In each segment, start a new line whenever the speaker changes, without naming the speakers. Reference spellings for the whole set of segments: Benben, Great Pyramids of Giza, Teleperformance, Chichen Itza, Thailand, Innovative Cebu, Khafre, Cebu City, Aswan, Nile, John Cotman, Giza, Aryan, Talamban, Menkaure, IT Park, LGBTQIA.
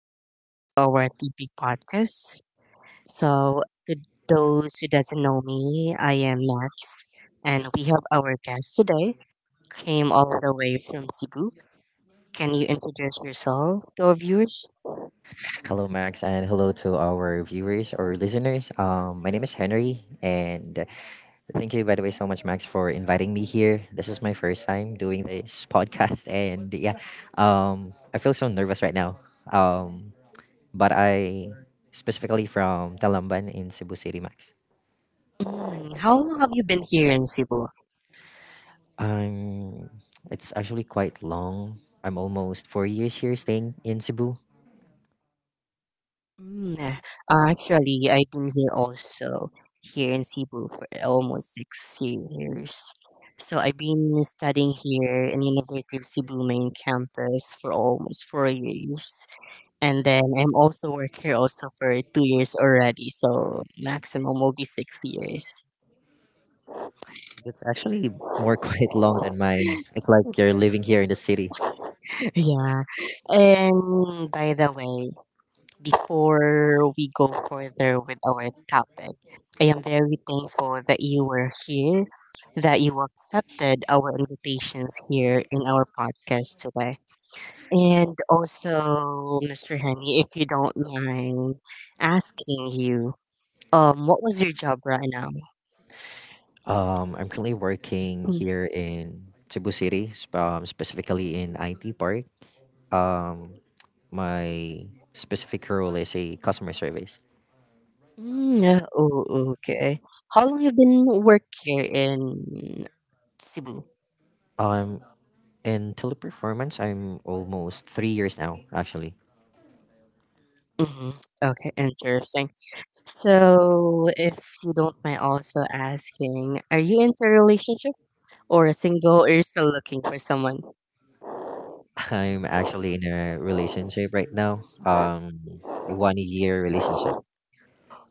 and welcome to our TP podcast. To those who doesn't know me, I am Max, and we have our guest today. Came all the way from Cebu. Can you introduce yourself to our viewers?
Hello, Max, and hello to our viewers or listeners. My name is Henry, and thank you, by the way, so much, Max, for inviting me here. This is my first time doing this podcast, and I feel so nervous right now. Um, but I specifically from Talamban in Cebu City, Max.
Mm, how long have you been here in Cebu?
Um, it's actually quite long. I'm almost 4 years here staying in Cebu.
Mm, eh, actually, I've been here also, here in Cebu for almost 6 years. So I've been studying here in Innovative Cebu main campus for almost 4 years. And then I'm also work here also for 2 years already, so maximum will be 6 years.
It's actually more quite long than mine. It's like you're living here in the city.
Yeah. And by the way, before we go further with our topic, I am very thankful that you were here, that you accepted our invitations here in our podcast today. And also, Mr. Henny, if you don't mind asking you, what was your job right now?
I'm currently working here in Cebu City, specifically in IT Park. Um, my specific role is a customer service.
Mm, yeah, oh, okay. How long have you been working in Cebu?
Um, in teleperformance, I'm almost 3 years now, actually.
Mm-hmm. Okay, interesting. So, if you don't mind also asking, are you into a relationship or single or you're still looking for someone?
I'm actually in a relationship right now, a 1 year relationship.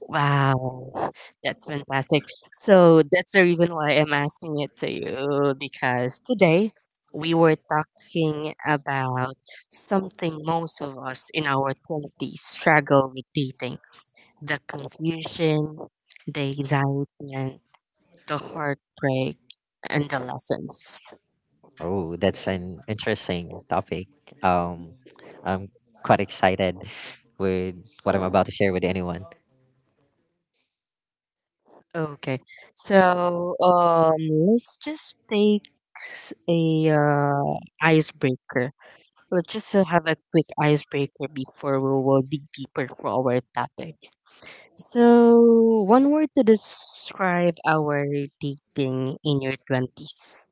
Wow, that's fantastic. So, that's the reason why I'm asking it to you because today we were talking about something most of us in our 20s struggle with dating, the confusion, the excitement, the heartbreak, and the lessons.
Oh, that's an interesting topic. Um, I'm quite excited with what I'm about to share with anyone.
Okay. So, um, let's just take a icebreaker. Let's just have a quick icebreaker before we will dig deeper for our topic. So, one word to describe our dating in your 20s.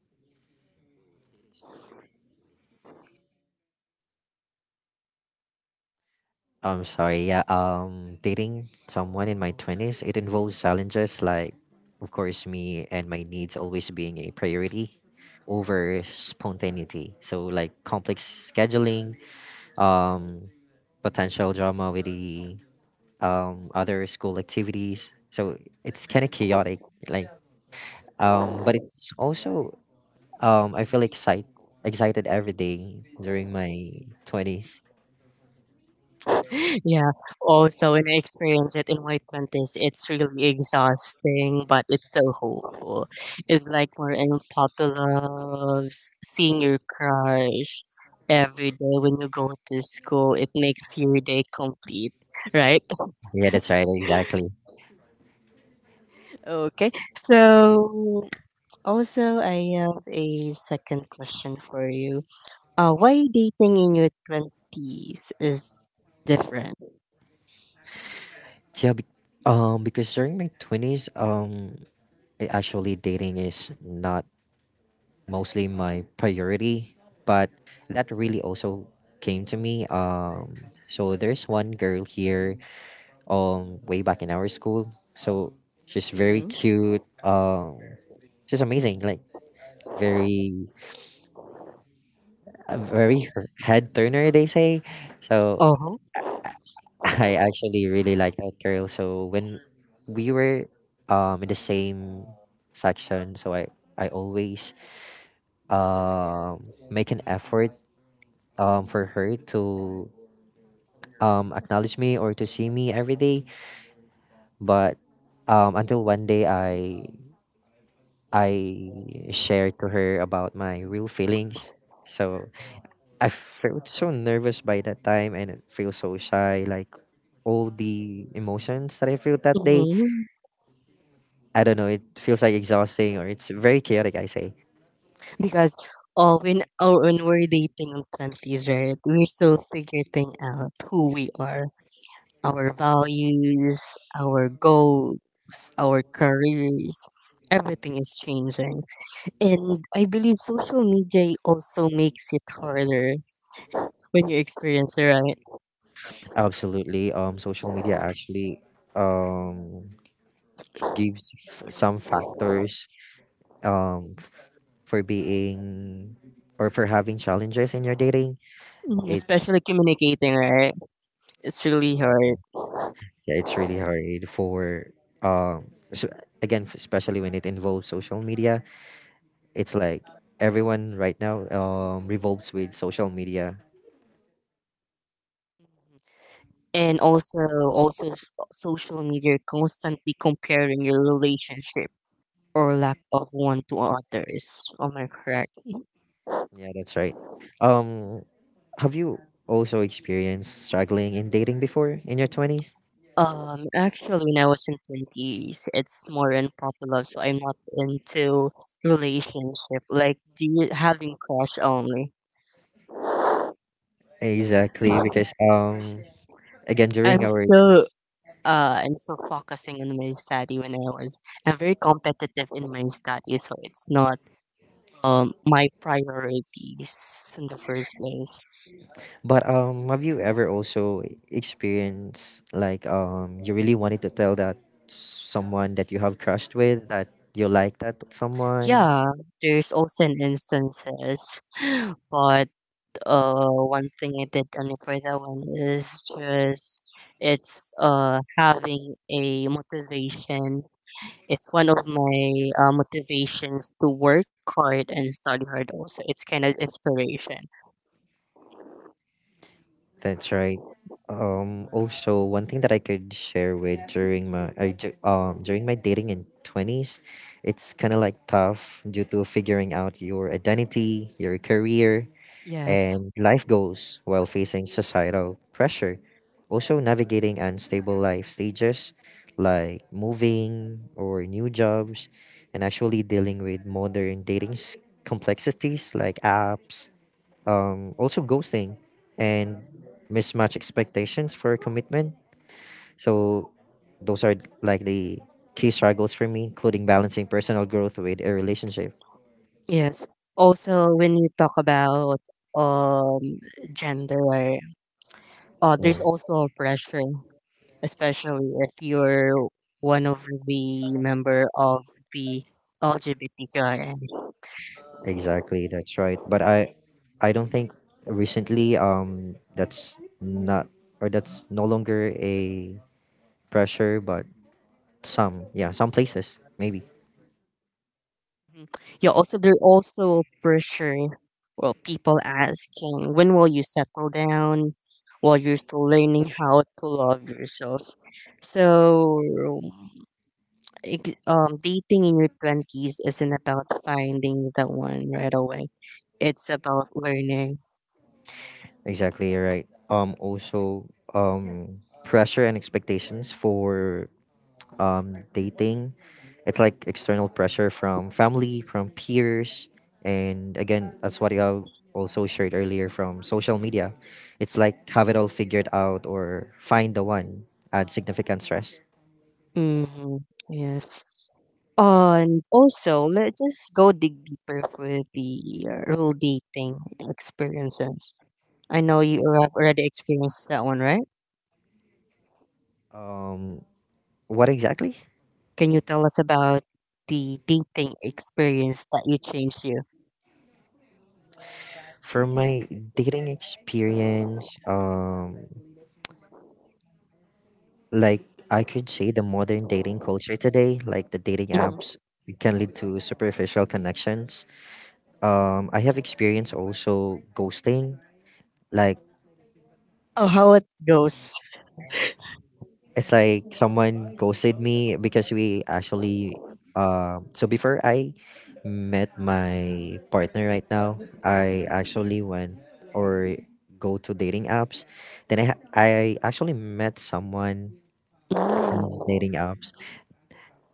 I'm sorry. Yeah. Dating someone in my twenties, it involves challenges like, of course, me and my needs always being a priority over spontaneity. So like complex scheduling, um, potential drama with the other school activities. So it's kind of chaotic. Like but it's also, I feel excited every day during my twenties.
Yeah. Also, when I experience it in my twenties, it's really exhausting, but it's still hopeful. It's like more unpopular popular seeing your crush every day when you go to school. It makes your day complete, right?
Yeah, that's right. Exactly.
Okay. So also, I have a second question for you. Why dating in your twenties is different?
Yeah, be- because during my twenties, actually dating is not mostly my priority, but that really also came to me. So there's one girl here, way back in our school. So she's very
Mm-hmm.
cute. She's amazing. Like very, a very head turner, they say. So
Oh.
I actually really like that girl. So when we were in the same section, so I always um make an effort for her to acknowledge me or to see me every day. But until one day I shared to her about my real feelings. So I felt so nervous by that time and I feel so shy like all the emotions that I felt that day,
Mm-hmm.
I don't know, it feels like exhausting or it's very chaotic, I say.
Because oh, when we're dating in twenties, right? We're still figuring out who we are, our values, our goals, our careers. Everything is changing. And I believe social media also makes it harder when you experience it, right?
Absolutely. Social media actually um gives some factors um f- for being or for having challenges in your dating.
Mm,
It
especially communicating, right? It's really
Exactly.
hard.
Yeah, it's really hard for, um so again, especially when it involves social media. It's like everyone right now revolves with social media.
And also, also social media constantly comparing your relationship or lack of one to others. Am I correct?
Yeah, that's right. Um Have you also experienced struggling in dating before in your 20s?
Actually, when I was in twenties, it's more unpopular, so I'm not into relationship. Like, do you having crush only?
Exactly, because again during
I'm
our,
still I'm still focusing on my study when I was I'm very competitive in my study, so it's not my priorities in the first place.
but have you ever also experienced like you really wanted to tell that someone that you have crushed with, that you like that someone?
Yeah, there's also an instances, but one thing I did only for that one is just it's having a motivation. It's one of my motivations to work hard and study hard. Also, it's kind of inspiration.
That's right. Also one thing that I could share with during my during my dating in 20s, it's kind of like tough due to figuring out your identity, your career,
Yes.
and life goals while facing societal pressure. Also, navigating unstable life stages like moving or new jobs, and actually dealing with modern dating complexities like apps, also ghosting, and mismatch expectations for commitment. So, those are like the key struggles for me, including balancing personal growth with a relationship.
Yes. Also, when you talk about um gender,
Yeah.
there's also pressure, especially if you're one of the member of the LGBTQI.
Exactly, that's right. But I don't think recently that's not, or that's no longer a pressure, but some, yeah, some places maybe.
Mhm. Yeah. Also, there also pressure. Well, people asking, when will you settle down? While you're still learning how to love yourself, so dating in your twenties isn't about finding the one right away. It's about learning.
Exactly, you're right. Also um pressure and expectations for dating. It's like external pressure from family, from peers, and again, that's what you have also shared earlier from social media. It's like have it all figured out or find the one at significant stress.
Hmm. Yes. And also, let's just go dig deeper for the role dating experiences. I know you have already experienced that one, right?
Um, what exactly?
Can you tell us about the dating experience that you changed you?
For my dating experience, like I could say the modern dating culture today, like the dating apps,
Mhm.
it can lead to superficial connections. I have experienced also ghosting, like
Oh, how it goes.
it's like someone ghosted me because we actually, so before I met my partner right now, I actually went or go to dating apps. Then I actually met someone from
Mm-hmm.
dating apps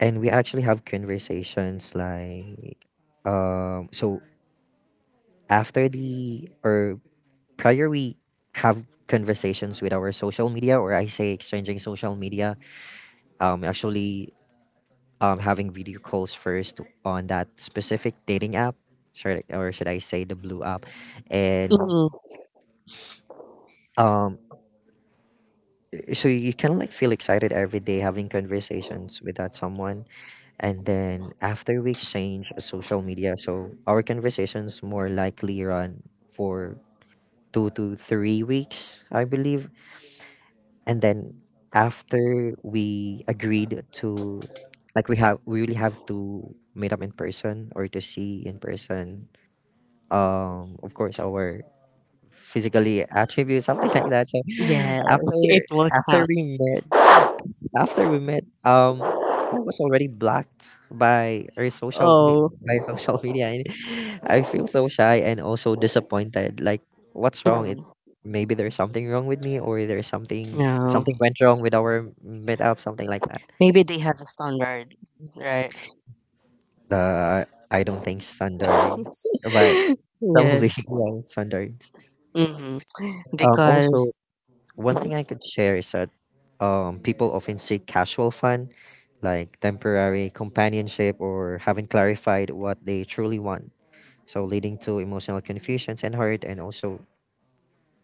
and we actually have conversations like, so after the, or prior we have conversations with our social media, or I say exchanging social media, actually, having video calls first on that specific dating app, or should I say the blue app, and um, so you kind of like feel excited every day having conversations with that someone, and then after we exchange social media, so our conversations more likely run for 2 to 3 weeks, I believe, and then after we agreed to, like we really have to meet up in person or to see in person, of course our physically attributes something like that. So after,
Yes, it will
after
count.
we met after we met, I was already blocked by our
Oh,
by social media and I feel so shy and also disappointed, like what's wrong? It
mhm.
maybe there's something wrong with me, or there's something,
No.
something went wrong with our meetup, something like that.
Maybe they have a standard, right?
The i don't think standards, but probably
Yes.
yeah, standards.
Hmm.
Also
Because,
one
mhm,
thing I could share is that, people often seek casual fun, like temporary companionship or haven't clarified what they truly want. So, leading to emotional confusions and hurt and also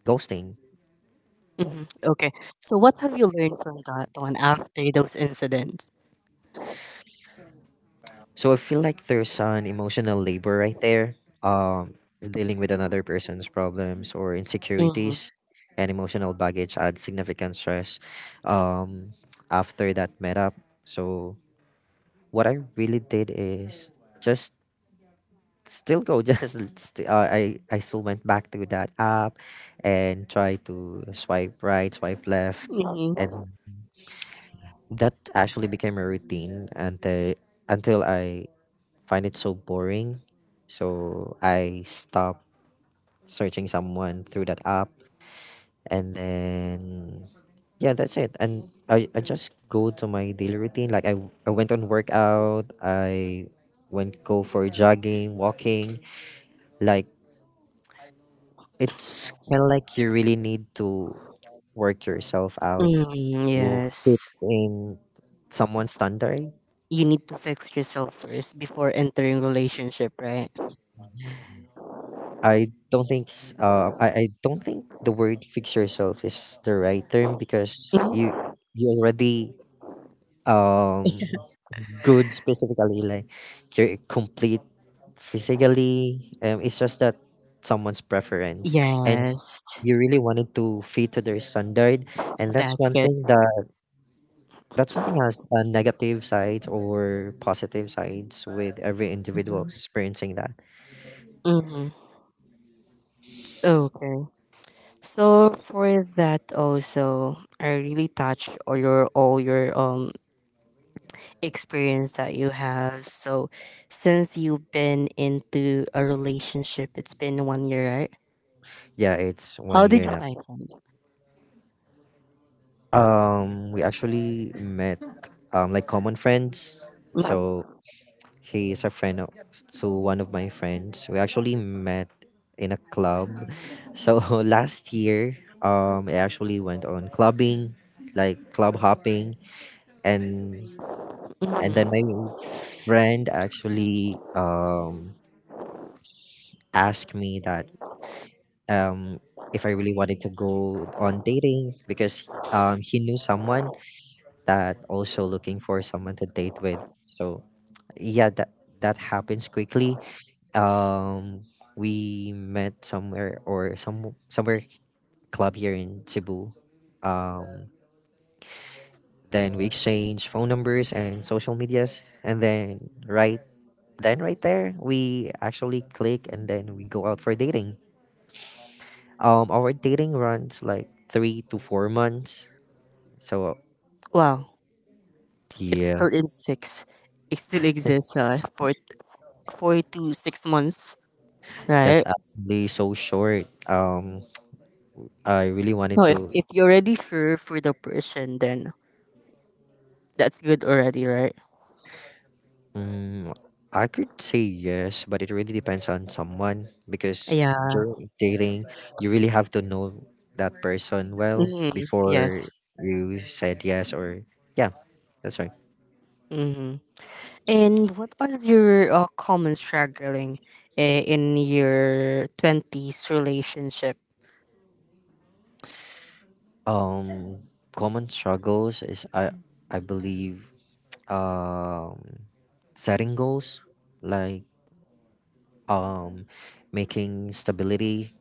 ghosting.
mhm, okay. So, what have you learned from that one after those incidents?
So, I feel like there's an emotional labor right there, um, dealing with another person's problems or
Mm-hmm.
insecurities. And emotional baggage adds significant stress, um, after that met up. So, what I really did is just still go just, I still went back to that app and try to swipe right, swipe left, and
Mm-hmm.
that actually became a routine until, I find it so boring, so I stopped searching someone through that app, and then yeah, that's it. And I just go to my daily routine. Like I went on workout. I went go for jogging, walking. Like, it's kind of like you really need to work yourself out
Mm,
to fit
yes.
in someone's standard.
You need to fix yourself first before entering relationship, right?
I don't think the word fix yourself is the right term, because you
Mhm.
you already, um good specifically, like you're complete physically, it's just that someone's preference, and
Yes.
you really wanted to fit to their standard, and that's
That's
one
good.
thing that, that's one thing has negative sides or positive sides with every individual experiencing that.
Mm-hmm. Okay. So for that also, I really touched all your experience that you have. So, since you've been into a relationship, it's been 1 year, right?
Yeah, it's
How
one
did
year
you
now.
find him?
We actually met like common friends. So
Mm-hmm.
he is a friend of, to one of my friends. We actually met in a club. So last year, I actually went on clubbing, like club hopping, and then my
Hmm.
friend actually asked me that, um, if I really wanted to go on dating, because he knew someone that also looking for someone to date with. So yeah, that happens quickly. Um, we met somewhere, or somewhere club here in Cebu. Um, then we exchanged phone numbers and social medias, and then right there we actually click, and then we go out for dating. Our dating runs like 3 to 4 months. So
Wow, it's
yeah,
still in six. It still exists for 4 to 6 months,
that's
right?
actually so short. I really
No,
wanted
if,
to.
you're already sure for the person, then that's good already, right?
Um, I could say yes, but it really depends on someone because
Yeah.
during dating, you really have to know that person well
Hmm.
before
Yes.
you said yes or yeah. That's right.
Hmm. And what was your common struggling in your 20s relationship?
Um, Common struggles is I believe, um setting goals, like, um, making stability.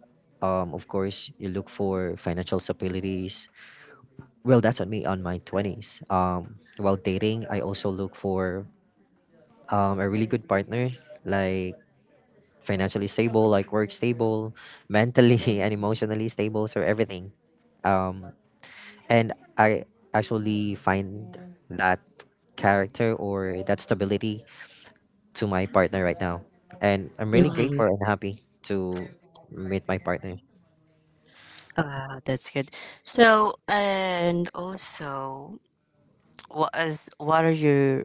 Of course, you look for financial stabilities. Well, that's on me on my 20s. While dating, I also look for, a really good partner, like financially stable, like work stable, mentally and emotionally stable, so everything. Um, and I actually find that character or that stability to my partner right now. And I'm really
Mm-hmm.
grateful and happy to meet my partner.
Wow, that's good. So, and also, what are your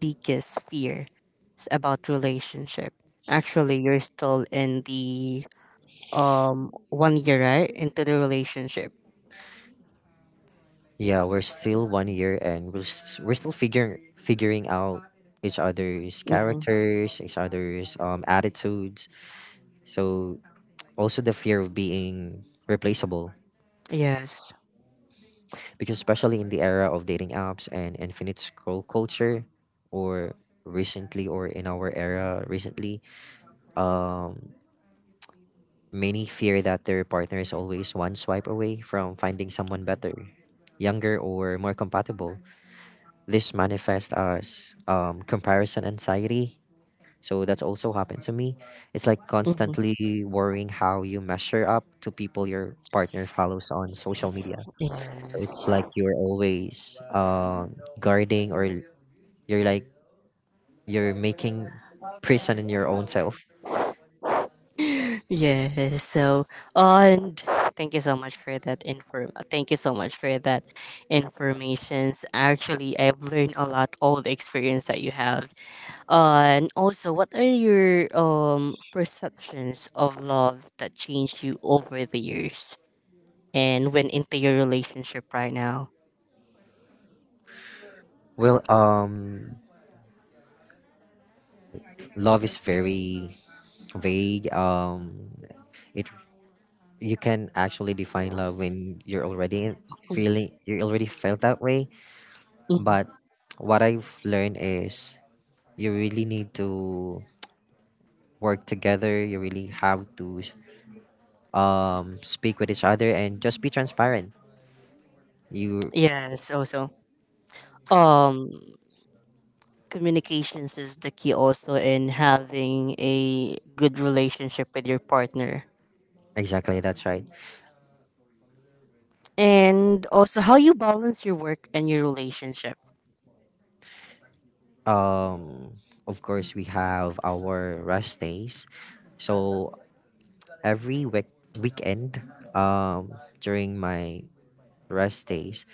biggest fears about relationship? Actually, you're still in the 1 year, right? Into the relationship.
Yeah, we're still 1 year and we're still figuring out each other's
Mm-hmm.
characters, each other's attitudes. So also the fear of being replaceable,
Yes.
because especially in the era of dating apps and infinite scroll culture, or recently, or in our era recently, um many fear that their partner is always one swipe away from finding someone better, younger, or more compatible. This manifests as, comparison anxiety. So that's also happened to me. It's like
Mm-hmm.
constantly worrying how you measure up to people your partner follows on social media. So it's
Yes.
like you're always, guarding, or you're like you're making prison in your own self.
Yes. So, and thank you so much for that inform. Thank you so much for that informations. Actually, I've learned a lot all the experience that you have. And also, what are your perceptions of love that changed you over the years and went into your relationship right now?
Well, love is very vague. It, you can actually define love when you're already feeling, you already felt that way.
Mm-hmm.
But what I've learned is you really need to work together. You really have to, speak with each other and just be transparent. You
Yes, also. Um Communications is the key also in having a good relationship with your partner.
Exactly, that's right.
And also how you balance your work and your relationship.
Um, of course, we have our rest days, so every weekend, um, during my rest days,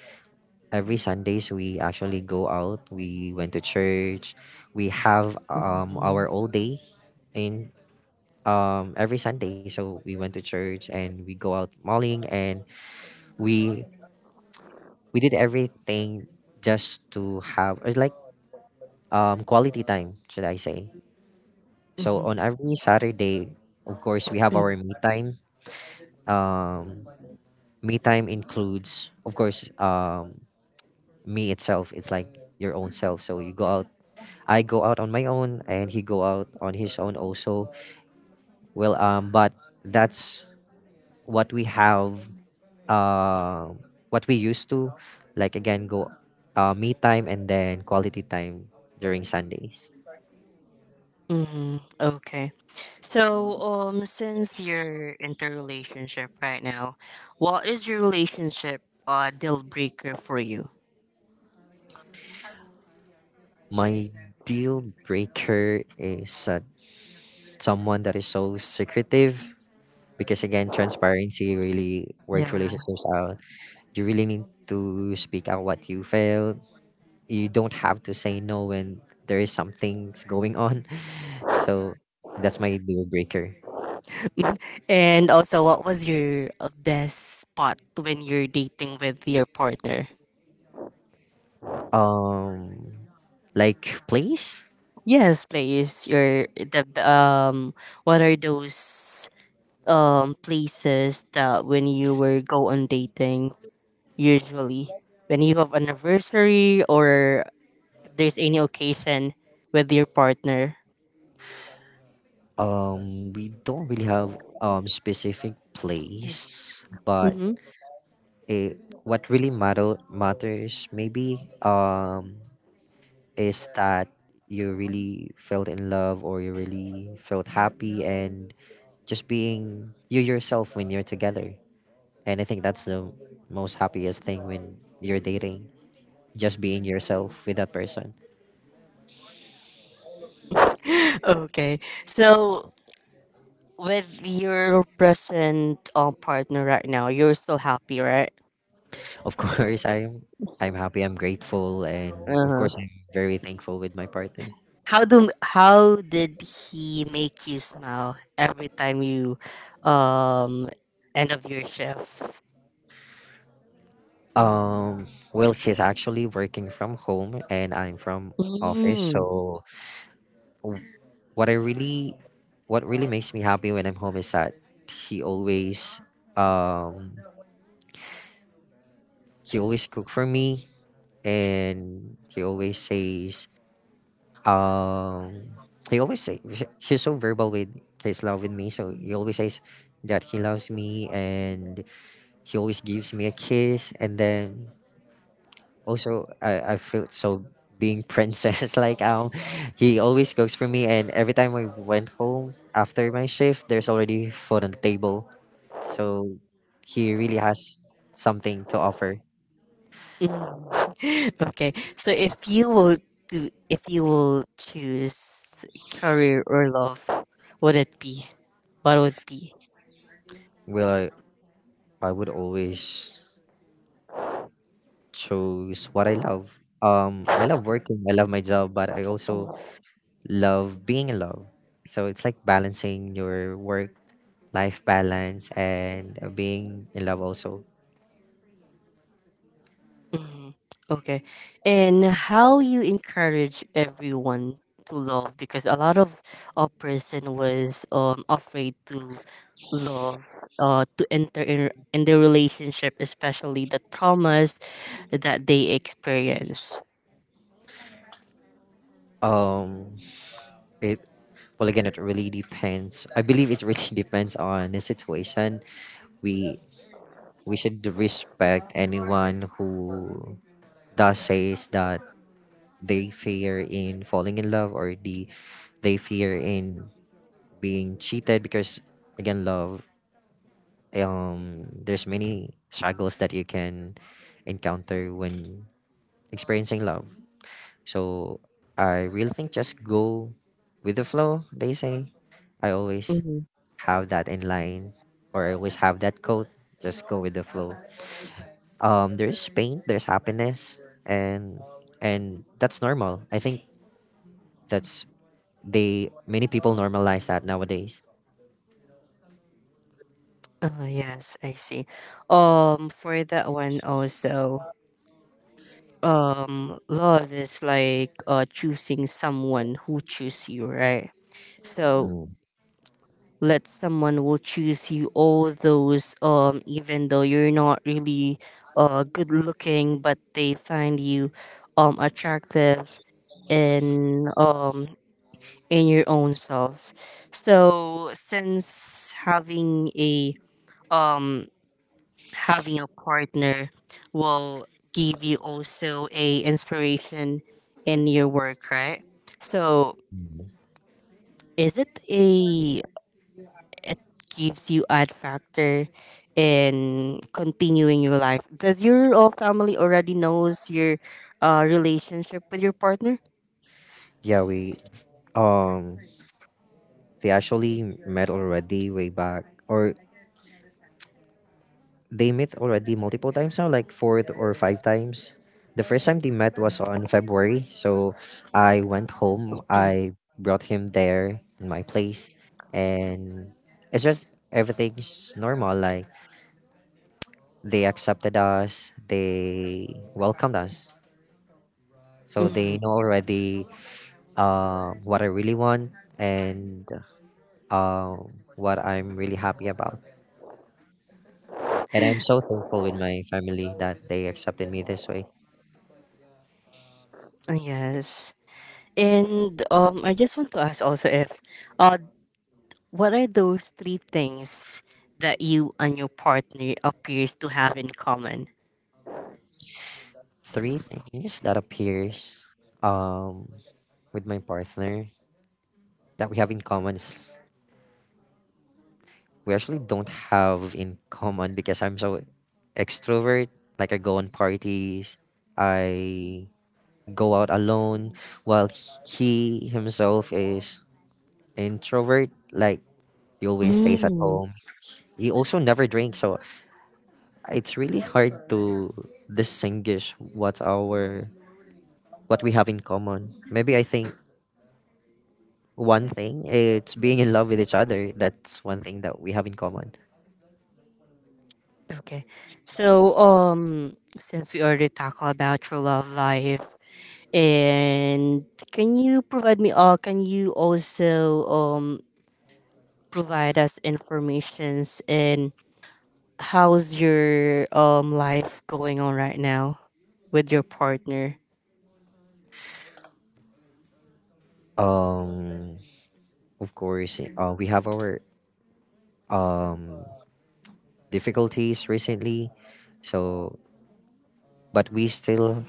every Sundays we actually go out. We went to church. We have
Mm-hmm.
our all day in every Sunday. So we went to church and we go out mauling, and we we did everything just to have, it's like, quality time, should I say? So
Mm-hmm.
on every Saturday, of course, we have our me time. Um, Me time includes, of course, me itself. It's like your own self. So you go out. I go out on my own, and he go out on his own also. Well, but that's what we have, uh, what we used to, like, again go, me time and then quality time during Sundays.
Mm, okay. So, since you're into relationship right now, what is your relationship deal breaker for you?
My deal breaker is, someone that is so secretive, because again, transparency really work
Yeah.
relationships out. You really need to speak out what you feel. You don't have to say no when there is something's going on. So that's my deal breaker.
And also, what was your best spot when you're dating with your partner?
um like place.
Yes, place. Your the. What are those places that when you were go on dating usually when you have anniversary or there's any occasion with your partner.
We don't really have specific place, but
Hmm.
it, what really matters maybe, is that you really felt in love, or you really felt happy and just being you yourself when you're together. And I think that's the most happiest thing when you're dating, just being yourself with that person.
Okay. So with your present partner right now, you're still happy, right?
Of course, I'm happy, I'm grateful, and of course,
Uh-huh.
I'm very thankful with my partner.
How did he make you smile every time you um end of your shift?
Um, well, he's actually working from home, and I'm from office.
Mm,
So w- what I really, what really makes me happy when I'm home is that he always, um he always cook for me, and he always says, um he always say, he's so verbal with his love with me, so he always says that he loves me, and he always gives me a kiss. And then also I feel so being princess like, he always cooks for me, and every time I went home after my shift, there's already food on the table. So he really has something to offer.
mm. Okay. So if you will to if you will choose career or love, would it be? What would it be?
Well, I would always choose what I love. I love working, I love my job, but I also love being in love. So it's like balancing your work life balance and, being in love also.
Mhm. Okay. And how you encourage everyone to love because a lot of a person was afraid to love to enter in the relationship especially the traumas that they experience.
um It, well, again, it really depends. I believe it really depends on the situation. We we should respect anyone who does says that they fear in falling in love, or the, they fear in being cheated, because again, love, there's many struggles that you can encounter when experiencing love. So I really think just go with the flow, they say. I always
Mm-hmm.
have that in line, or I always have that quote. Just go with the flow. There's pain, there's happiness, and and that's normal. I think that's, they, many people normalize that nowadays.
Yes, I see. For that one also love is like choosing someone who choose you, right? So
Mm.
let someone will choose you all those even though you're not really good looking but they find you attractive in um in your own selves so since having a um having a partner will give you also a inspiration in your work right so is it a it gives you add factor in continuing your life. Does your whole family already knows your relationship with your partner?
Yeah, we, um they actually met already way back, or they met already multiple times now, like fourth or five times. The first time they met was on February, so I went home. I brought him there in my place, and it's just everything's normal. Like they accepted us, they welcomed us, so
Mm-hmm.
they know already, what I really want, and uh, what I'm really happy about. And I'm so thankful with my family that they accepted me this way.
Yes. And I just want to ask also if uh, what are those three things that you and your partner appears to have in common?
Three things that appears, um with my partner, that we have in common, is we actually don't have in common, because I'm so extrovert. Like I go on parties, I go out alone, while he himself is introvert. Like he always stays at
Mm.
home. He also never drinks, so it's really hard to distinguish what our, what we have in common. Maybe I think, one thing, it's being in love with each other. That's one thing that we have in common.
Okay. So since we already talked about your love life, and can you provide me all? Can you also provide us informations and how's your life going on right now with your partner?
Um, of course, we have our um difficulties recently, so, but we still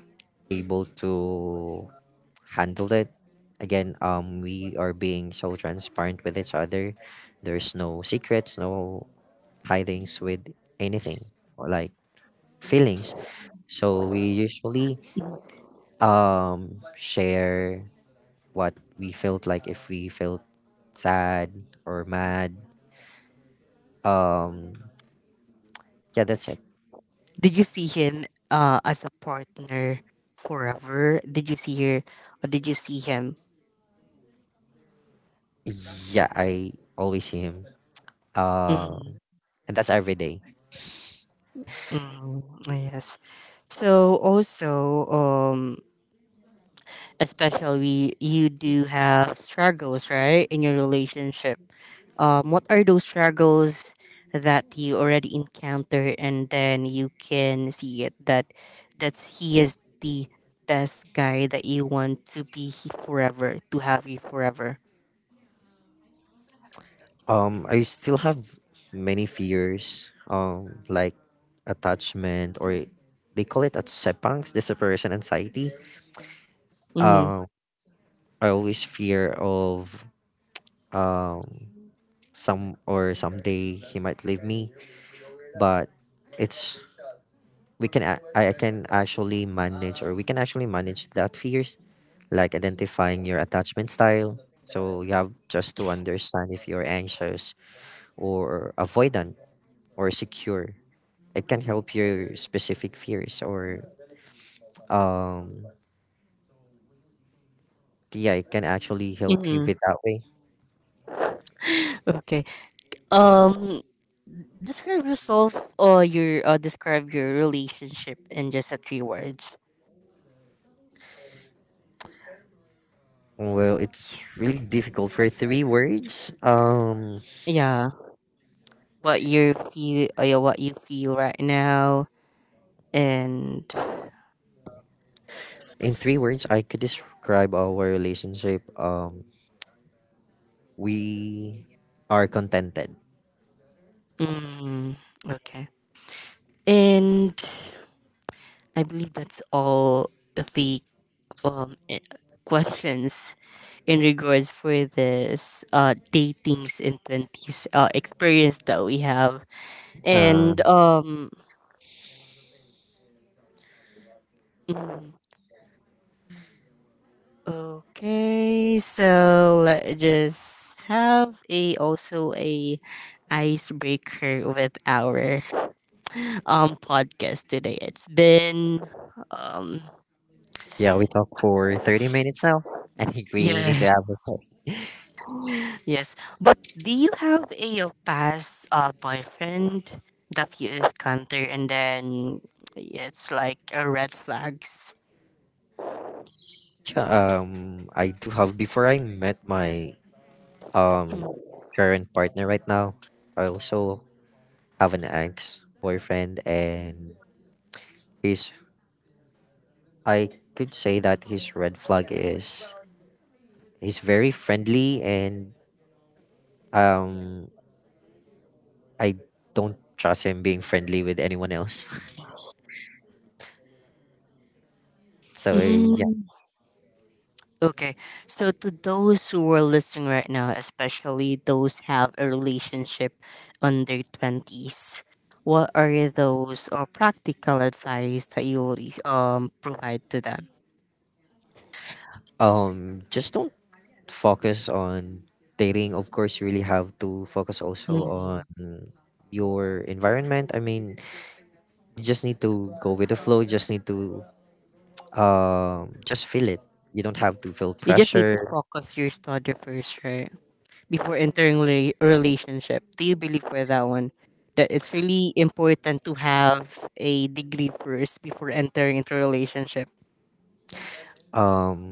able to handle it. Again, we are being so transparent with each other. There's no secrets, no hidings with anything, or like feelings. So we usually share what we felt. Like if we felt sad or mad. Um, yeah, that's it.
Did you see him as a partner forever? Did you see her? Or did you see him?
Yeah, I always see him. Um,
Mm,
and that's every day.
mm, yes. So also especially you do have struggles, right, in your relationship. What are those struggles that you already encounter, and then you can see it that that's he is the best guy that you want to be forever, to have you forever.
I still have many fears. Like attachment, or they call it atsepangs, disappearance anxiety.
Mm-hmm.
Um, I always fear of, um some, or someday he might leave me, but it's, we can I can actually manage, or we can actually manage that fears. Like identifying your attachment style, so you have just to understand if you're anxious, or avoidant, or secure. It can help your specific fears, or um yeah, it can actually help you
Mm-hmm.
with that way.
Okay. Um. Describe yourself or your describe your relationship in just a three words.
Well, it's really difficult for three words.
Yeah, what you feel, yeah, what you feel right now, and
In three words, I could describe our relationship. We are contented.
mm, okay. And I believe that's all the um eh, questions in regards for this datings in twenties experience that we have. And
Um,
mm, okay, so let's just have a also a icebreaker with our podcast today. It's been um
Yeah, we talked for 30 minutes now. I think we need to have a
yes.
break.
Yes, but do you have a past boyfriend that you encounter and then it's like a red flags?
I do have. Before I met my um current partner right now, I also have an ex boyfriend, and he's, I could say that his red flag is he's very friendly, and um, I don't trust him being friendly with anyone else. So, yeah.
Mm. Okay, so to those who are listening right now, especially those have a relationship under twenties, what are those or practical advice that you will provide to them?
Just don't focus on dating. Of course, you really have to focus also on
Mhm.
your environment. I mean, you just need to go with the flow. You just need to just feel it. You don't have to feel
You just need to
pressure.
focus your study first, right? Before entering a relationship. Do you believe for that one that it's really important to have a degree first before entering into a relationship?
Um,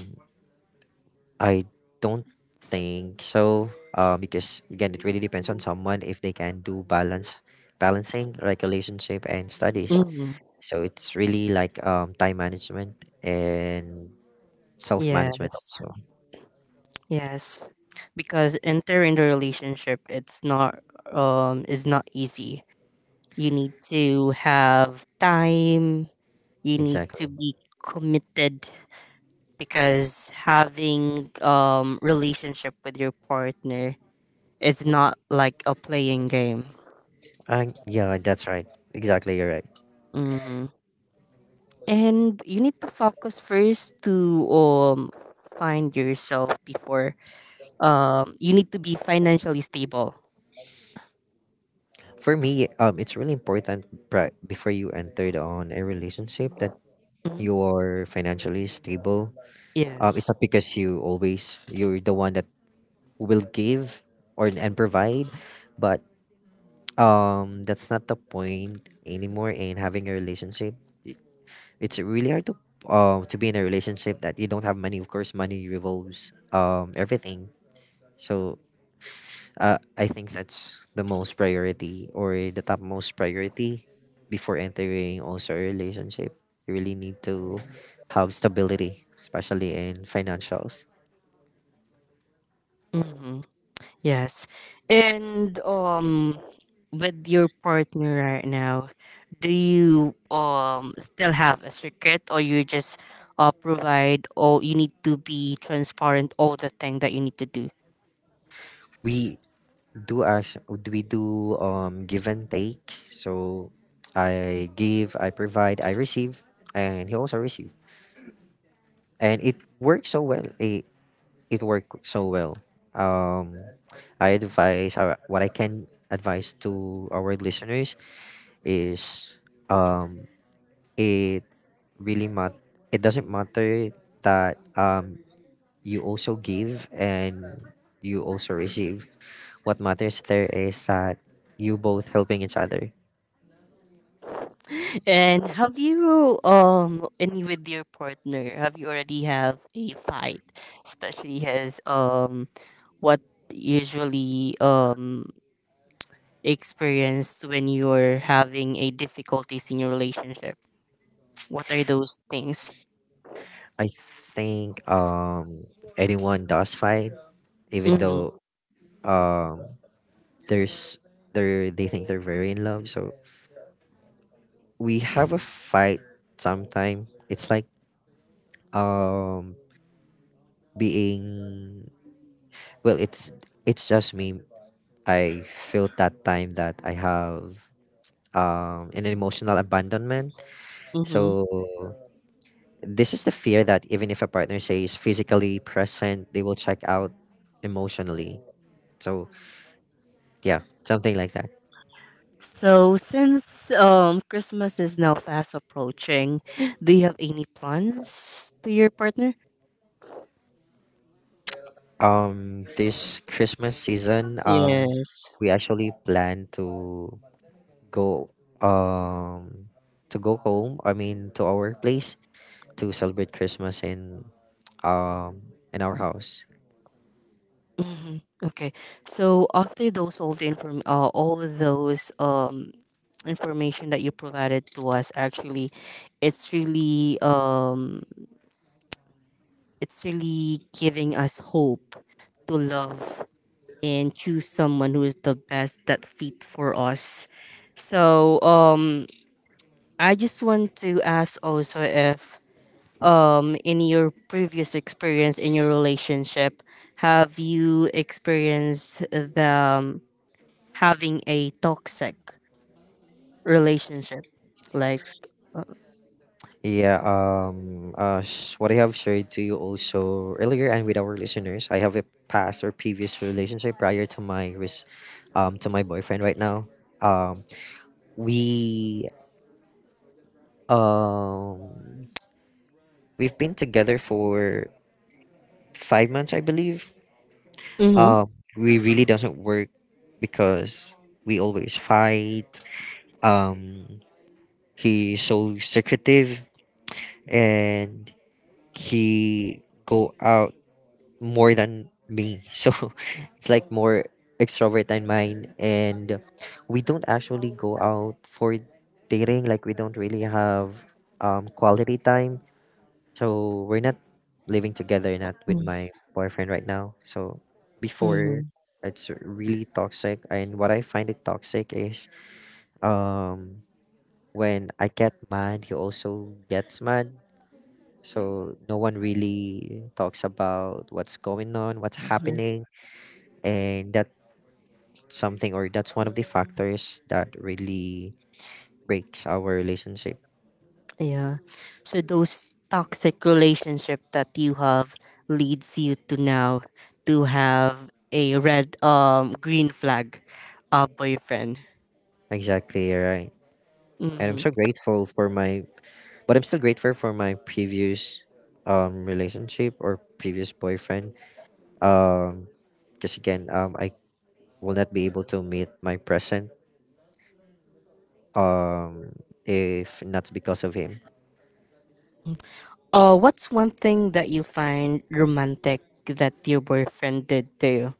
I don't think so. Because again, it really depends on someone if they can do balance, balancing like relationship and studies.
Hmm.
So it's really like, time management and self management
Yes,
also.
yes, because entering the relationship it's not is not easy. You need to have time. You need to
Exactly.
be committed because having relationship with your partner it's not like a playing game.
Yeah, that's right. Exactly, you're right.
Hmm. And you need to focus first to find yourself before you need to be financially stable.
For me, it's really important before you entered on a relationship that
Mhm.
you are financially stable. It's
Yes.
not because you always, you're the one that will give or and provide, but that's not the point anymore in having a relationship. I- It's really hard to be in a relationship that you don't have money. Of course, money revolves everything. So, I think that's the most priority, or the top most priority before entering also a relationship. You really need to have stability, especially in financials.
Hmm. Yes. And with your partner right now, do you still have a secret or you just provide all you need to be transparent all the thing that you need to do?
We do ask, we do give and take. So I give, I provide, I receive, and he also receive, and it works so well. It worked so well. Um, I advise, or what I can advise to our listeners is, um it really it doesn't matter that you also give, and you also receive. What matters there is that you both helping each other.
And have you any with your partner? Have you already have a fight, especially as what usually experience when you're having a difficulties in your relationship? What are those things?
I think, anyone does fight, even
Mm-hmm.
though um there's, they're, they think they're very in love. So we have a fight sometime. It's like um being, well, it's just me. I felt that time that I have, an emotional abandonment.
Mm-hmm.
So this is the fear that even if a partner says physically present, they will check out emotionally. So yeah, something like that.
So since Christmas is now fast approaching, do you have any plans to your partner?
This Christmas season,
Yes.
we actually plan to go, um to go home. I mean, to our place, to celebrate Christmas in, in our house.
Hmm. Okay. So after those all the inform all of those information that you provided to us actually it's really, it's really giving us hope to love and choose someone who is the best that fit for us. So, I just want to ask also if, in your previous experience in your relationship have you experienced the having a toxic relationship. Like,
Yeah, what I have shared to you also earlier and with our listeners, I have a past or previous relationship prior to my to my boyfriend right now. Um, we, um we've been together for 5 months, I believe.
Mm-hmm.
Um, we really doesn't work because we always fight. Um, he's so secretive, and he go out more than me. So it's like more extrovert than mine. And we don't actually go out for dating. Like we don't really have quality time. So we're not living together, not with my boyfriend right now. So
mm-hmm,
before, it's really toxic. And what I find it toxic is um, when I get mad, he also gets mad. So no one really talks about what's going on, what's happening, and that's something, or that's one of the factors that really breaks our relationship.
yeah. So those toxic relationship that you have leads you to now to have a red green flag boyfriend.
Exactly, you're right. And I'm
Mm.
so grateful for my but I'm still grateful for my previous relationship, or previous boyfriend, um because again, I will not be able to meet my present, um if not because of him.
What's one thing that you find romantic that your boyfriend did to you?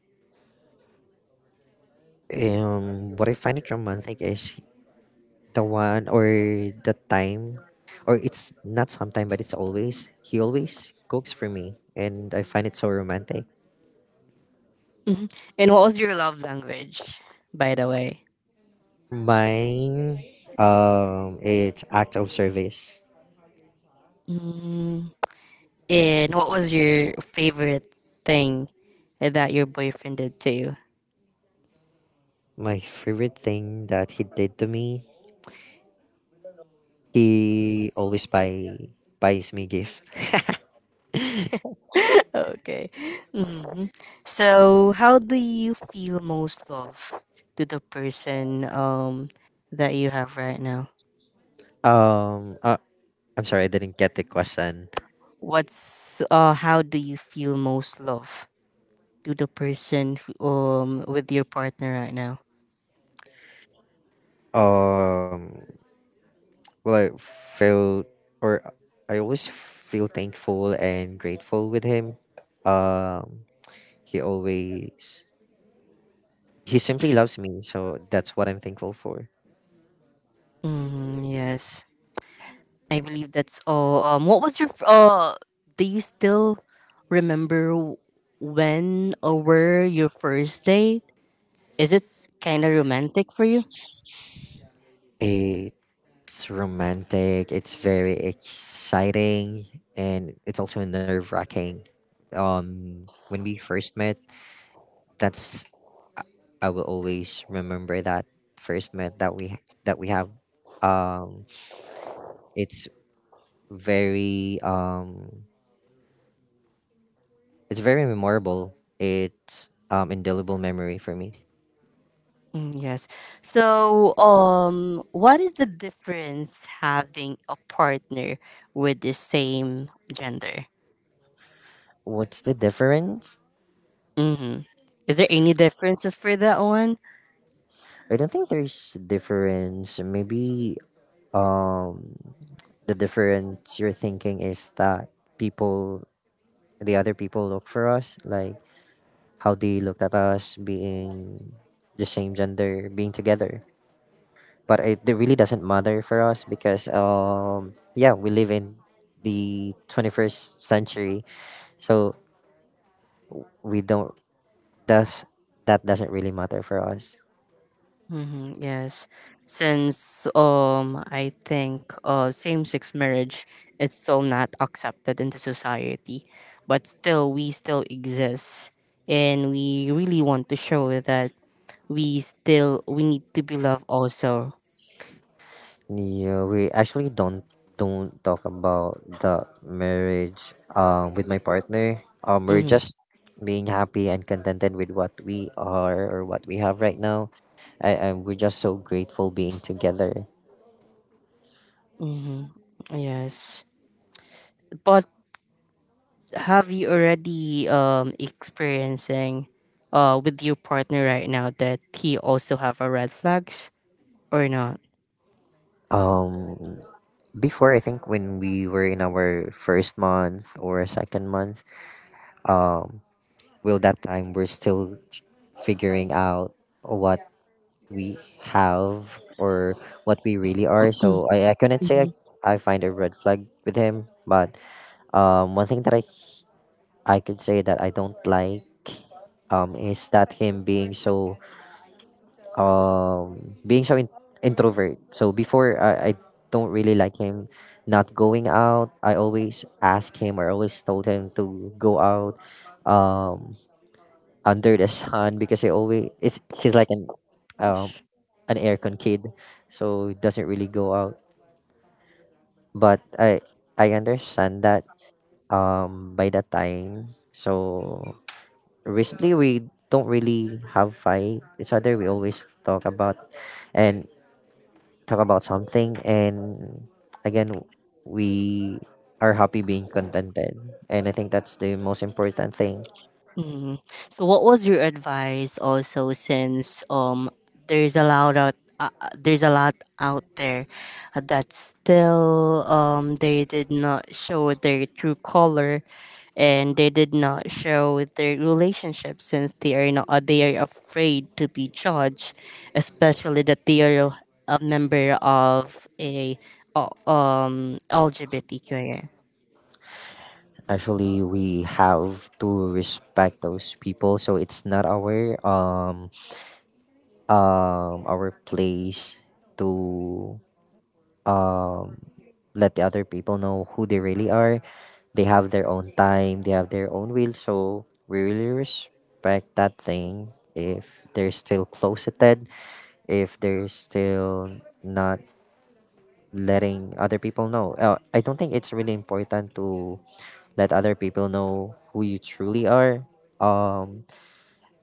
Um, what I find it romantic is the one, or the time, or it's not sometime, but it's always, he always cooks for me, and I find it so romantic.
Mhm. And what was your love language, by the way?
Mine, it's act of service.
And what was your favorite thing that your boyfriend did to you?
My favorite thing that he did to me, he always buys me gift.
Okay. Hmm. So, how do you feel most love to the person, that you have right now?
Um, I'm sorry, I didn't get the question.
What's How do you feel most love to the person, with your partner right now?
Um, well, I felt, or I always feel thankful and grateful with him. Um, he always, he simply loves me, so that's what I'm thankful for.
Mm, yes. I believe that's all. What was your f- uh? Do you still remember when or where your first date? Is it kind of romantic for you?
It's romantic, it's very exciting, and it's also nerve wracking. When we first met, that's, I will always remember that first met that we have. Um, it's very it's very memorable. It's, um, indelible memory for me.
Mm, yes. So, what is the difference having a partner with the same gender?
What's the difference?
Mm-hmm. Is there any differences for that one?
I don't think there's difference. Maybe um the difference you're thinking is that people the other people look for us, like how they looked at us being the same gender, being together. But it really doesn't matter for us because yeah, we live in the 21st century. So we don't does that doesn't really matter for us.
Mm-hmm, yes, since I think same-sex marriage it's still not accepted in the society, but still we still exist, and we really want to show that we still we need to be loved also.
Yeah, we actually don't talk about the marriage with my partner. We're
Mm-hmm,
just being happy and contented with what we are or what we have right now. I We're just so grateful being together.
mm-hmm, yes, but have you already experiencing with your partner right now that he also have a red flags or not?
Um Before I think when we were in our first month or second month, um will that time we're still figuring out what we have or what we really are. So I couldn't say I find a red flag with him, but one thing that I could say that I don't like is that him being so um being so in- introvert. So before I don't really like him not going out. I always ask him or always told him to go out. Um Under the sun because he always it's he's like um an aircon kid, so he doesn't really go out. But I understand that by that time. So recently we don't really have fight each other. We always and talk about something and again we are happy being contented, and I think that's the most important thing.
Mm. So, what was your advice also since, there's a lot out there's a lot out there that still they did not show their true color and they did not show their relationship since they are not they are afraid to be judged, especially that they are a member of a LGBTQIA.
Actually, we have to respect those people, so it's not our our place to um let the other people know who they really are. They have their own time, they have their own will, so we really respect that thing if they're still closeted, if they're still not letting other people know. I don't think it's really important to let other people know who you truly are. Um,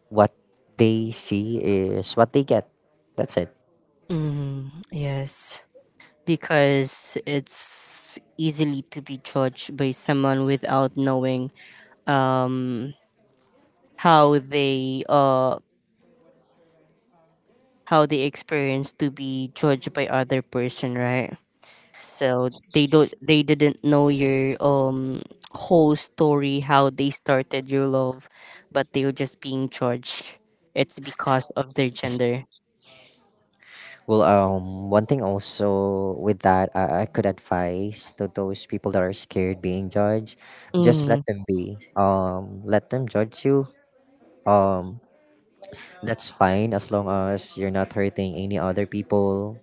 what they see is what they get. That's it.
Mm, yes. Because it's easily to be judged by someone without knowing um, how they uh how they experience to be judged by other person, right? So they didn't know your whole story, how they started your love, but they were just being judged. It's because of their gender.
Well, one thing also with that, I could advise to those people that are scared being judged, just let
Mm,
them be. Let them judge you. Um, that's fine as long as you're not hurting any other people.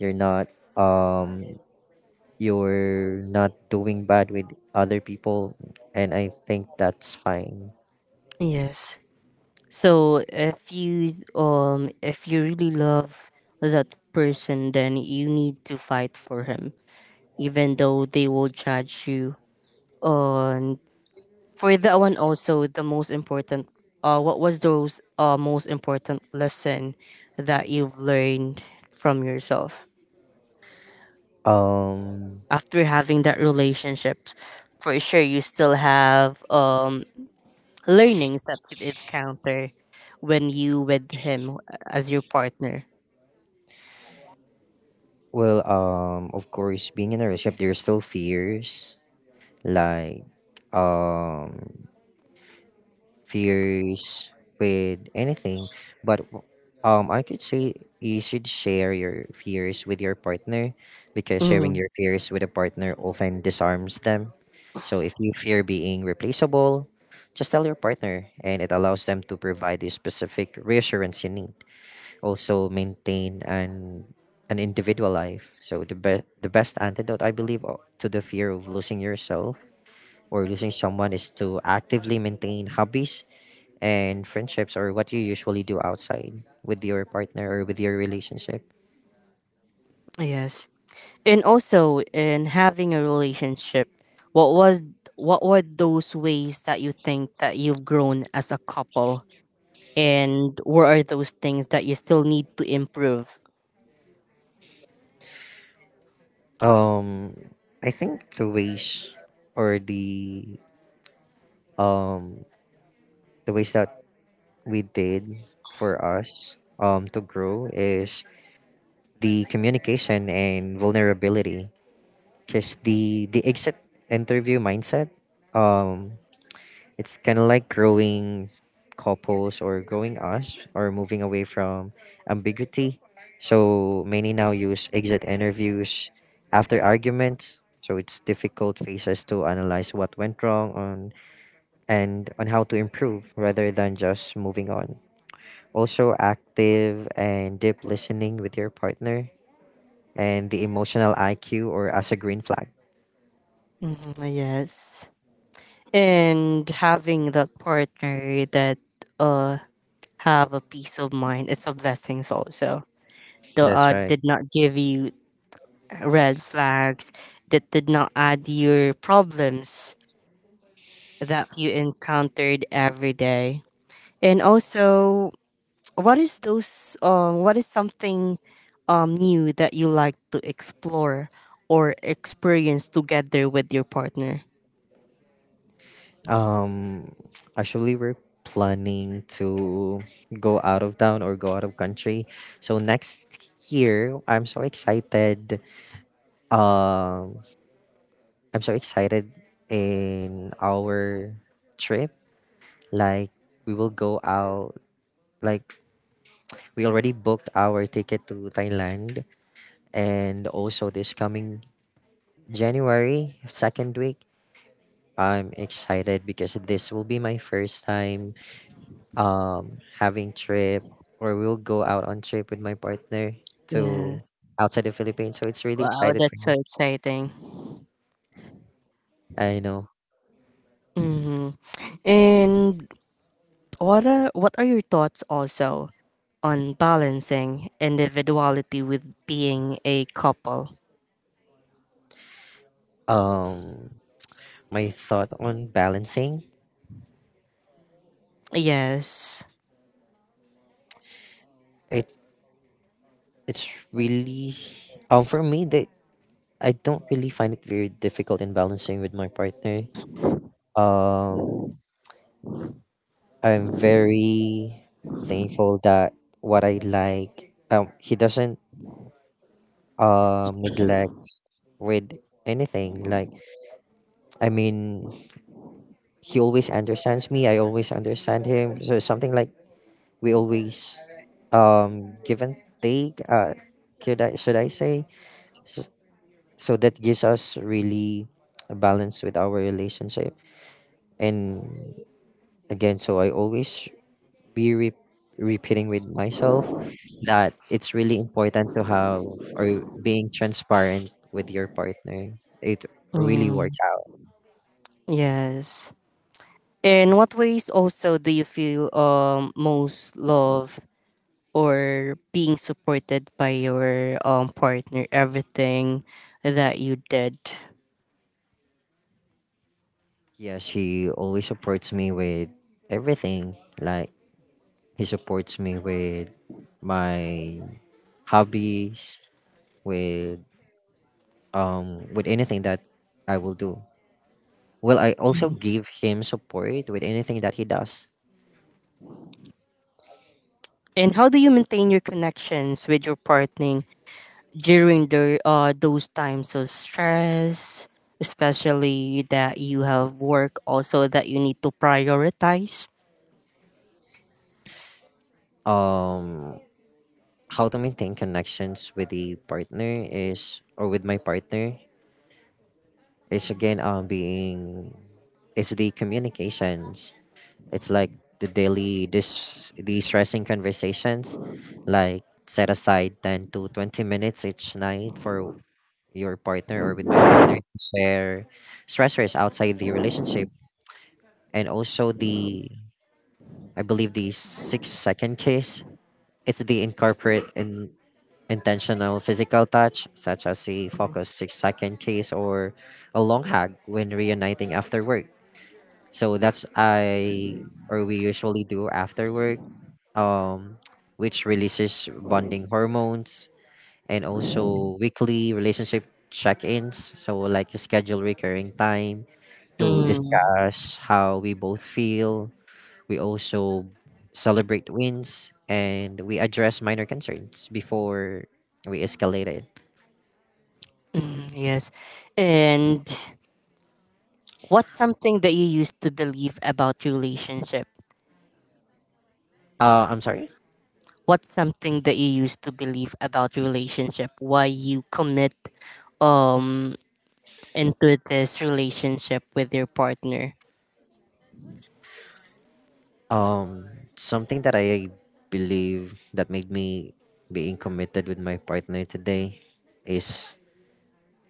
You're not um you're not doing bad with other people, and I think that's fine.
yes. So if you really love that person then you need to fight for him even though they will judge you on for that one also the most important, what was those most important lesson that you've learned from yourself
um
after having that relationship. For sure you still have learnings that you've encountered when you with him as your partner.
of course being in a relationship there's still fears, like um fears with anything, but I could say you should share your fears with your partner because sharing
Mm-hmm.
your fears with a partner often disarms them. So if you fear being replaceable, just tell your partner and it allows them to provide the specific reassurance you need. Also maintain an individual life. So the best antidote I believe to the fear of losing yourself or losing someone is to actively maintain hobbies and friendships or what you usually do outside with your partner or with your relationship.
Yes. And also in having a relationship, what was what were those ways that you think that you've grown as a couple and what are those things that you still need to improve?
Um, I think or the um the ways that we did for us to grow is the communication and vulnerability because the exit interview mindset um it's kind of like growing couples or growing us or moving away from ambiguity. So many now use exit interviews after arguments. So it's difficult phases to analyze what went wrong on and on how to improve rather than just moving on. Also active and deep listening with your partner and the emotional IQ or as a green flag.
Mhm, yes. And having that partner that uh have a peace of mind is a blessing also. The
That's right.
did not give you red flags, that did not add your problems that you encountered every day. And also, what is something new that you like to explore or experience together with your partner?
Um, actually, we're planning to go out of town or go out of country. So next year, I'm so excited. Um, I'm so excited in our trip. Like we will go out. Like we already booked our ticket to Thailand, and also this coming January 2nd week. I'm excited because this will be my first time having trip or we'll go out on trip with my partner to
Yes.
outside the Philippines. So it's really
Wow,
excited for
that's so
me.
exciting.
I know.
Mm-hmm. And what are your thoughts also on balancing individuality with being a couple?
Um my thought on balancing
Yes.
it it's really for me that I don't really find it very difficult in balancing with my partner. Um I'm very thankful that what I like he doesn't neglect with anything, like I mean he always understands me. I always understand him. So something like we always give and take. Could I, should I say? S- So that gives us really a balance with our relationship. And again, so I always be re- repeating with myself that it's really important to have or being transparent with your partner. It really works
Mm,
out.
yes. In what ways also do you feel most love or being supported by your partner, everything that you did.
Yes, he always supports me with everything. Like he supports me with my hobbies, with with anything that I will do. Well, I also give him support with anything that he does.
And how do you maintain your connections with your partner during the those times of stress, especially that you have work also that you need to prioritize?
Um how to maintain connections with the partner is or with my partner is again being is the communications. It's like the daily this the stressing conversations, like set aside 10 to 20 minutes each night for your partner or with my partner to share stressors outside the relationship, and also the I believe the 6 second kiss. It's the incorporate in intentional physical touch such as a focused 6 second kiss or a long hug when reuniting after work. So that's I or we usually do after work, um which releases bonding hormones. And also weekly relationship check-ins. So like schedule recurring time to
Mm,
discuss how we both feel. We also celebrate wins, and we address minor concerns before we escalate it.
mm, yes. And what's something that you used to believe about relationship
I'm sorry.
what's something that you used to believe about relationship, why you commit um into this relationship with your partner?
Um, something that I believe that made me being committed with my partner today is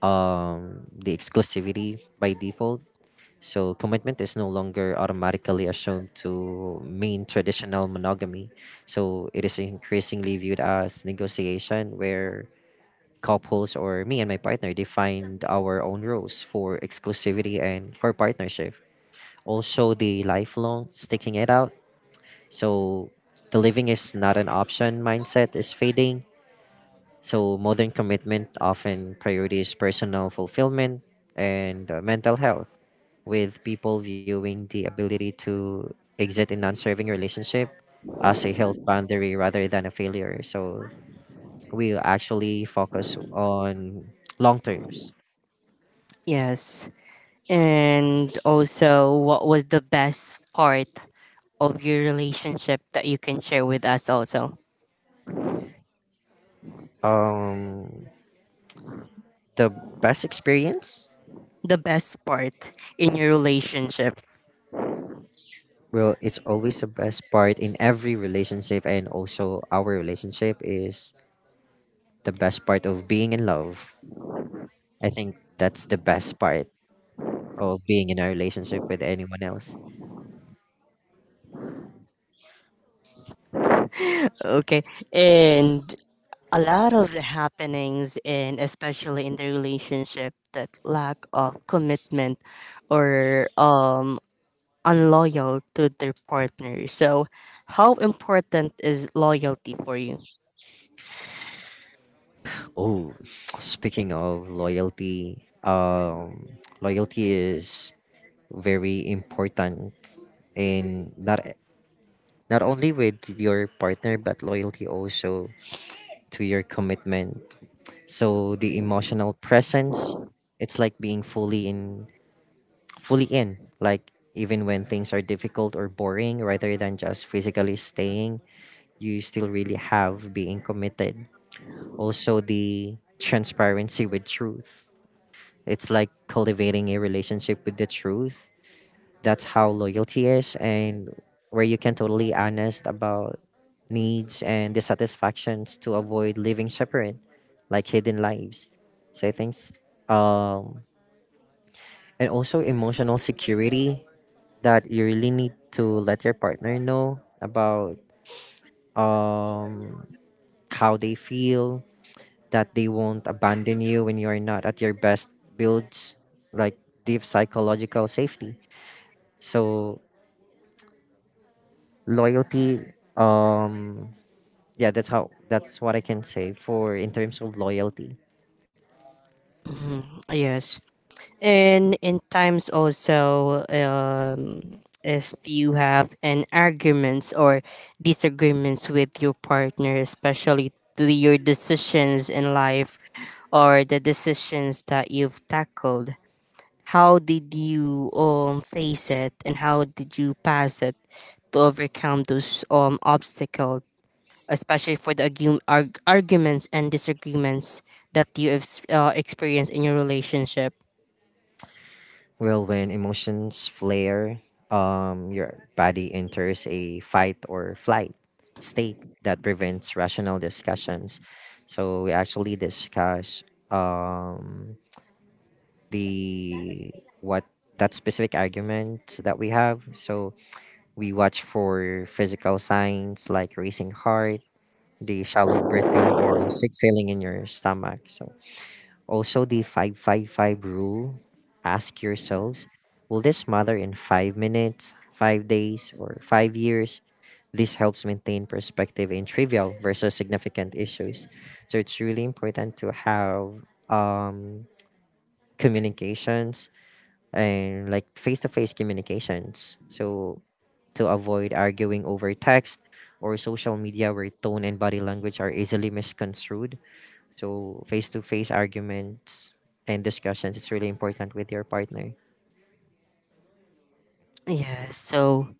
the exclusivity by default. So commitment is no longer automatically assumed to mean traditional monogamy. So it is increasingly viewed as negotiation where couples or me and my partner define our own rules for exclusivity and for partnership. Also the lifelong sticking it out. So the living is not an option mindset is fading, so modern commitment often prioritizes personal fulfillment and mental health, with people viewing the ability to exit a non serving relationship as a health boundary rather than a failure. So, we actually focus on long terms.
Yes, and also what was the best part of your relationship that you can share with us also,
Um, the best experience,
the best part in your relationship?
well, it's always the best part in every relationship, and also our relationship is the best part of being in love. I think that's the best part of being in a relationship with anyone else.
Okay, and a lot of the happenings and especially in the relationship that lack of commitment or unloyal to their partner. So, how important is loyalty for you?
Oh, speaking of loyalty, loyalty is very important in not only with your partner but loyalty also to your commitment. So the emotional presence, it's like fully in, like even when things are difficult or boring rather than just physically staying, you still really have being committed. Also, the transparency with truth. It's like cultivating a relationship with the truth. That's how loyalty is, and where you can totally honest about needs and dissatisfactions to avoid living separate, like hidden lives. So I think, um, and also emotional security that you really need to let your partner know about um how they feel, that they won't abandon you when you are not at your best, builds like deep psychological safety. So loyalty, um yeah, that's how, that's what I can say for in terms of loyalty.
Mhm, yes, and in times also, if you have an arguments or disagreements with your partner, especially to your decisions in life or the decisions that you've tackled, how did you face it and how did you pass it to overcome those obstacle, especially for the arguments and disagreements that you have experienced in your relationship.
Well, when emotions flare, your body enters a fight or flight state that prevents rational discussions. So we actually discuss um the what that specific argument that we have. So we watch for physical signs like racing heart, the shallow breathing, or sick feeling in your stomach. So also the five five five rule. Ask yourselves, will this matter in 5 minutes, 5 days, or 5 years? This helps maintain perspective in trivial versus significant issues. So it's really important to have um, communications and like face to face communications. So, to avoid arguing over text or social media where tone and body language are easily misconstrued. So, face to face arguments and discussions, it's really important with your partner.
Yeah, so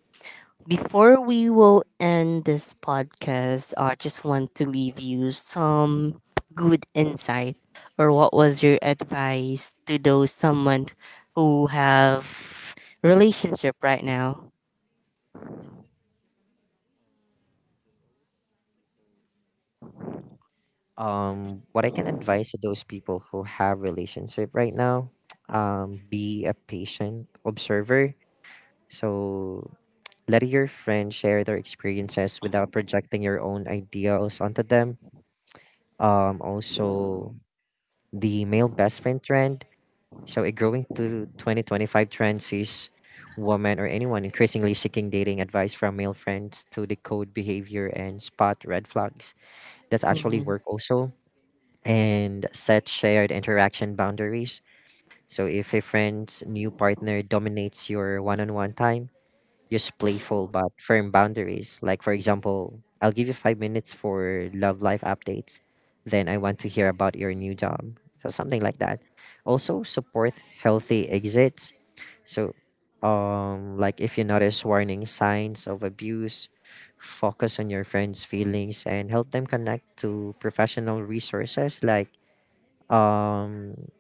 before we will end this podcast, I just want to leave you some good insight or what was your advice to those someone who have relationship right now?
What I can advise to those people who have relationship right now, be a patient observer. So let your friend share their experiences without projecting your own ideals onto them. Also the male best friend trend. So it growing to 2025 trend sees women or anyone increasingly seeking dating advice from male friends to decode behavior and spot red flags. That's actually
Mm-hmm.
work also. And set shared interaction boundaries. So if a friend's new partner dominates your one on one time, use playful but firm boundaries. Like, for example, I'll give you 5 minutes for love life updates, then I want to hear about your new job. So, something like that. Also, support healthy exits. So, like if you notice warning signs of abuse, focus on your friends' feelings and help them connect to professional resources like um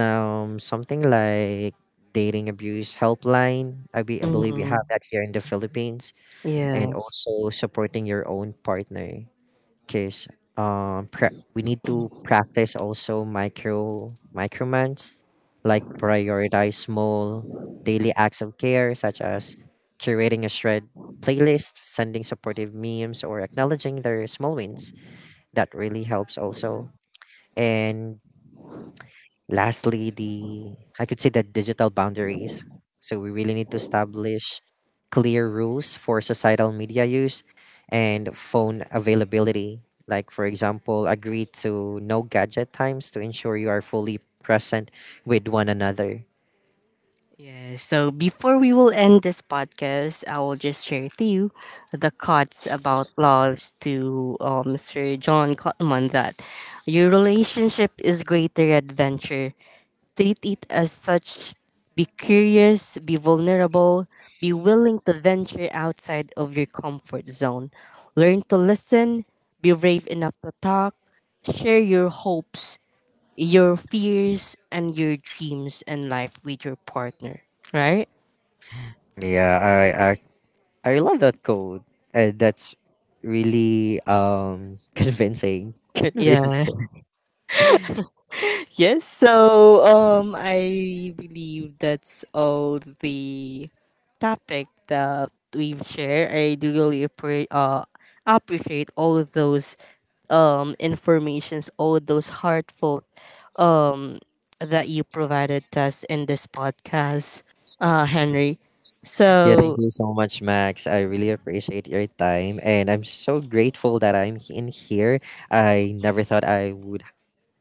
something like dating abuse helpline. I believe you have
Mm-hmm.
that here in the Philippines. And
Yes.
also supporting your own partner, because we need to practice also micromans, like prioritize small daily acts of care such as curating a shred playlist, sending supportive memes, or acknowledging their small wins. That really helps also. And lastly, the I could say the digital boundaries. So we really need to establish clear rules for societal media use and phone availability. Like for example, agree to no gadget times to ensure you are fully present with one another.
Yes. So before we will end this podcast, I will just share to you the quotes about loves to Sir John Cotman, that your relationship is greater adventure. Treat it as such. Be curious, be vulnerable, be willing to venture outside of your comfort zone. Learn to listen, be brave enough to talk, share your hopes, your fears and your dreams and life with your partner, right?
Yeah, I love that code. That's really convincing.
Yeah.
Convincing.
Yes. So I believe that's all the topic that we've shared. I do really appreciate all of those informations, all of those heartfelt um that you provided us in this podcast, Henry.
Yeah, thank
So
you so much, Max. I really appreciate your time, and I'm so grateful that in here. I never thought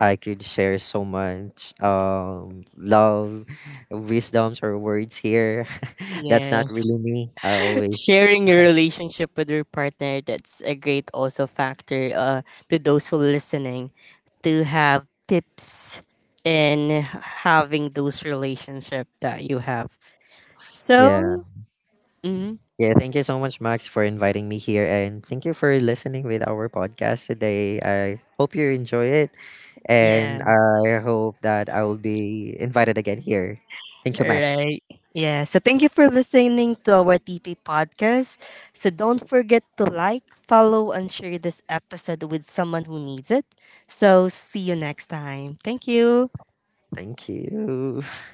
I could share so much love, wisdoms, or words here. That's not
yes.
really me. I always,
Sharing your relationship with your partner, that's a great also factor to those who listening to have tips in having those relationship that you have.
yeah,
So mhm,
yeah. Thank you so much, Max, for inviting me here, and thank you for listening with our podcast today. I hope you enjoy it, and
yes.
I hope that I will be invited again here. Thank you, Max.
Right. Yeah, so thank you for listening to our tp podcast. So don't forget to like, follow and share this episode with someone who needs it. So see you next time. Thank you.
Thank you.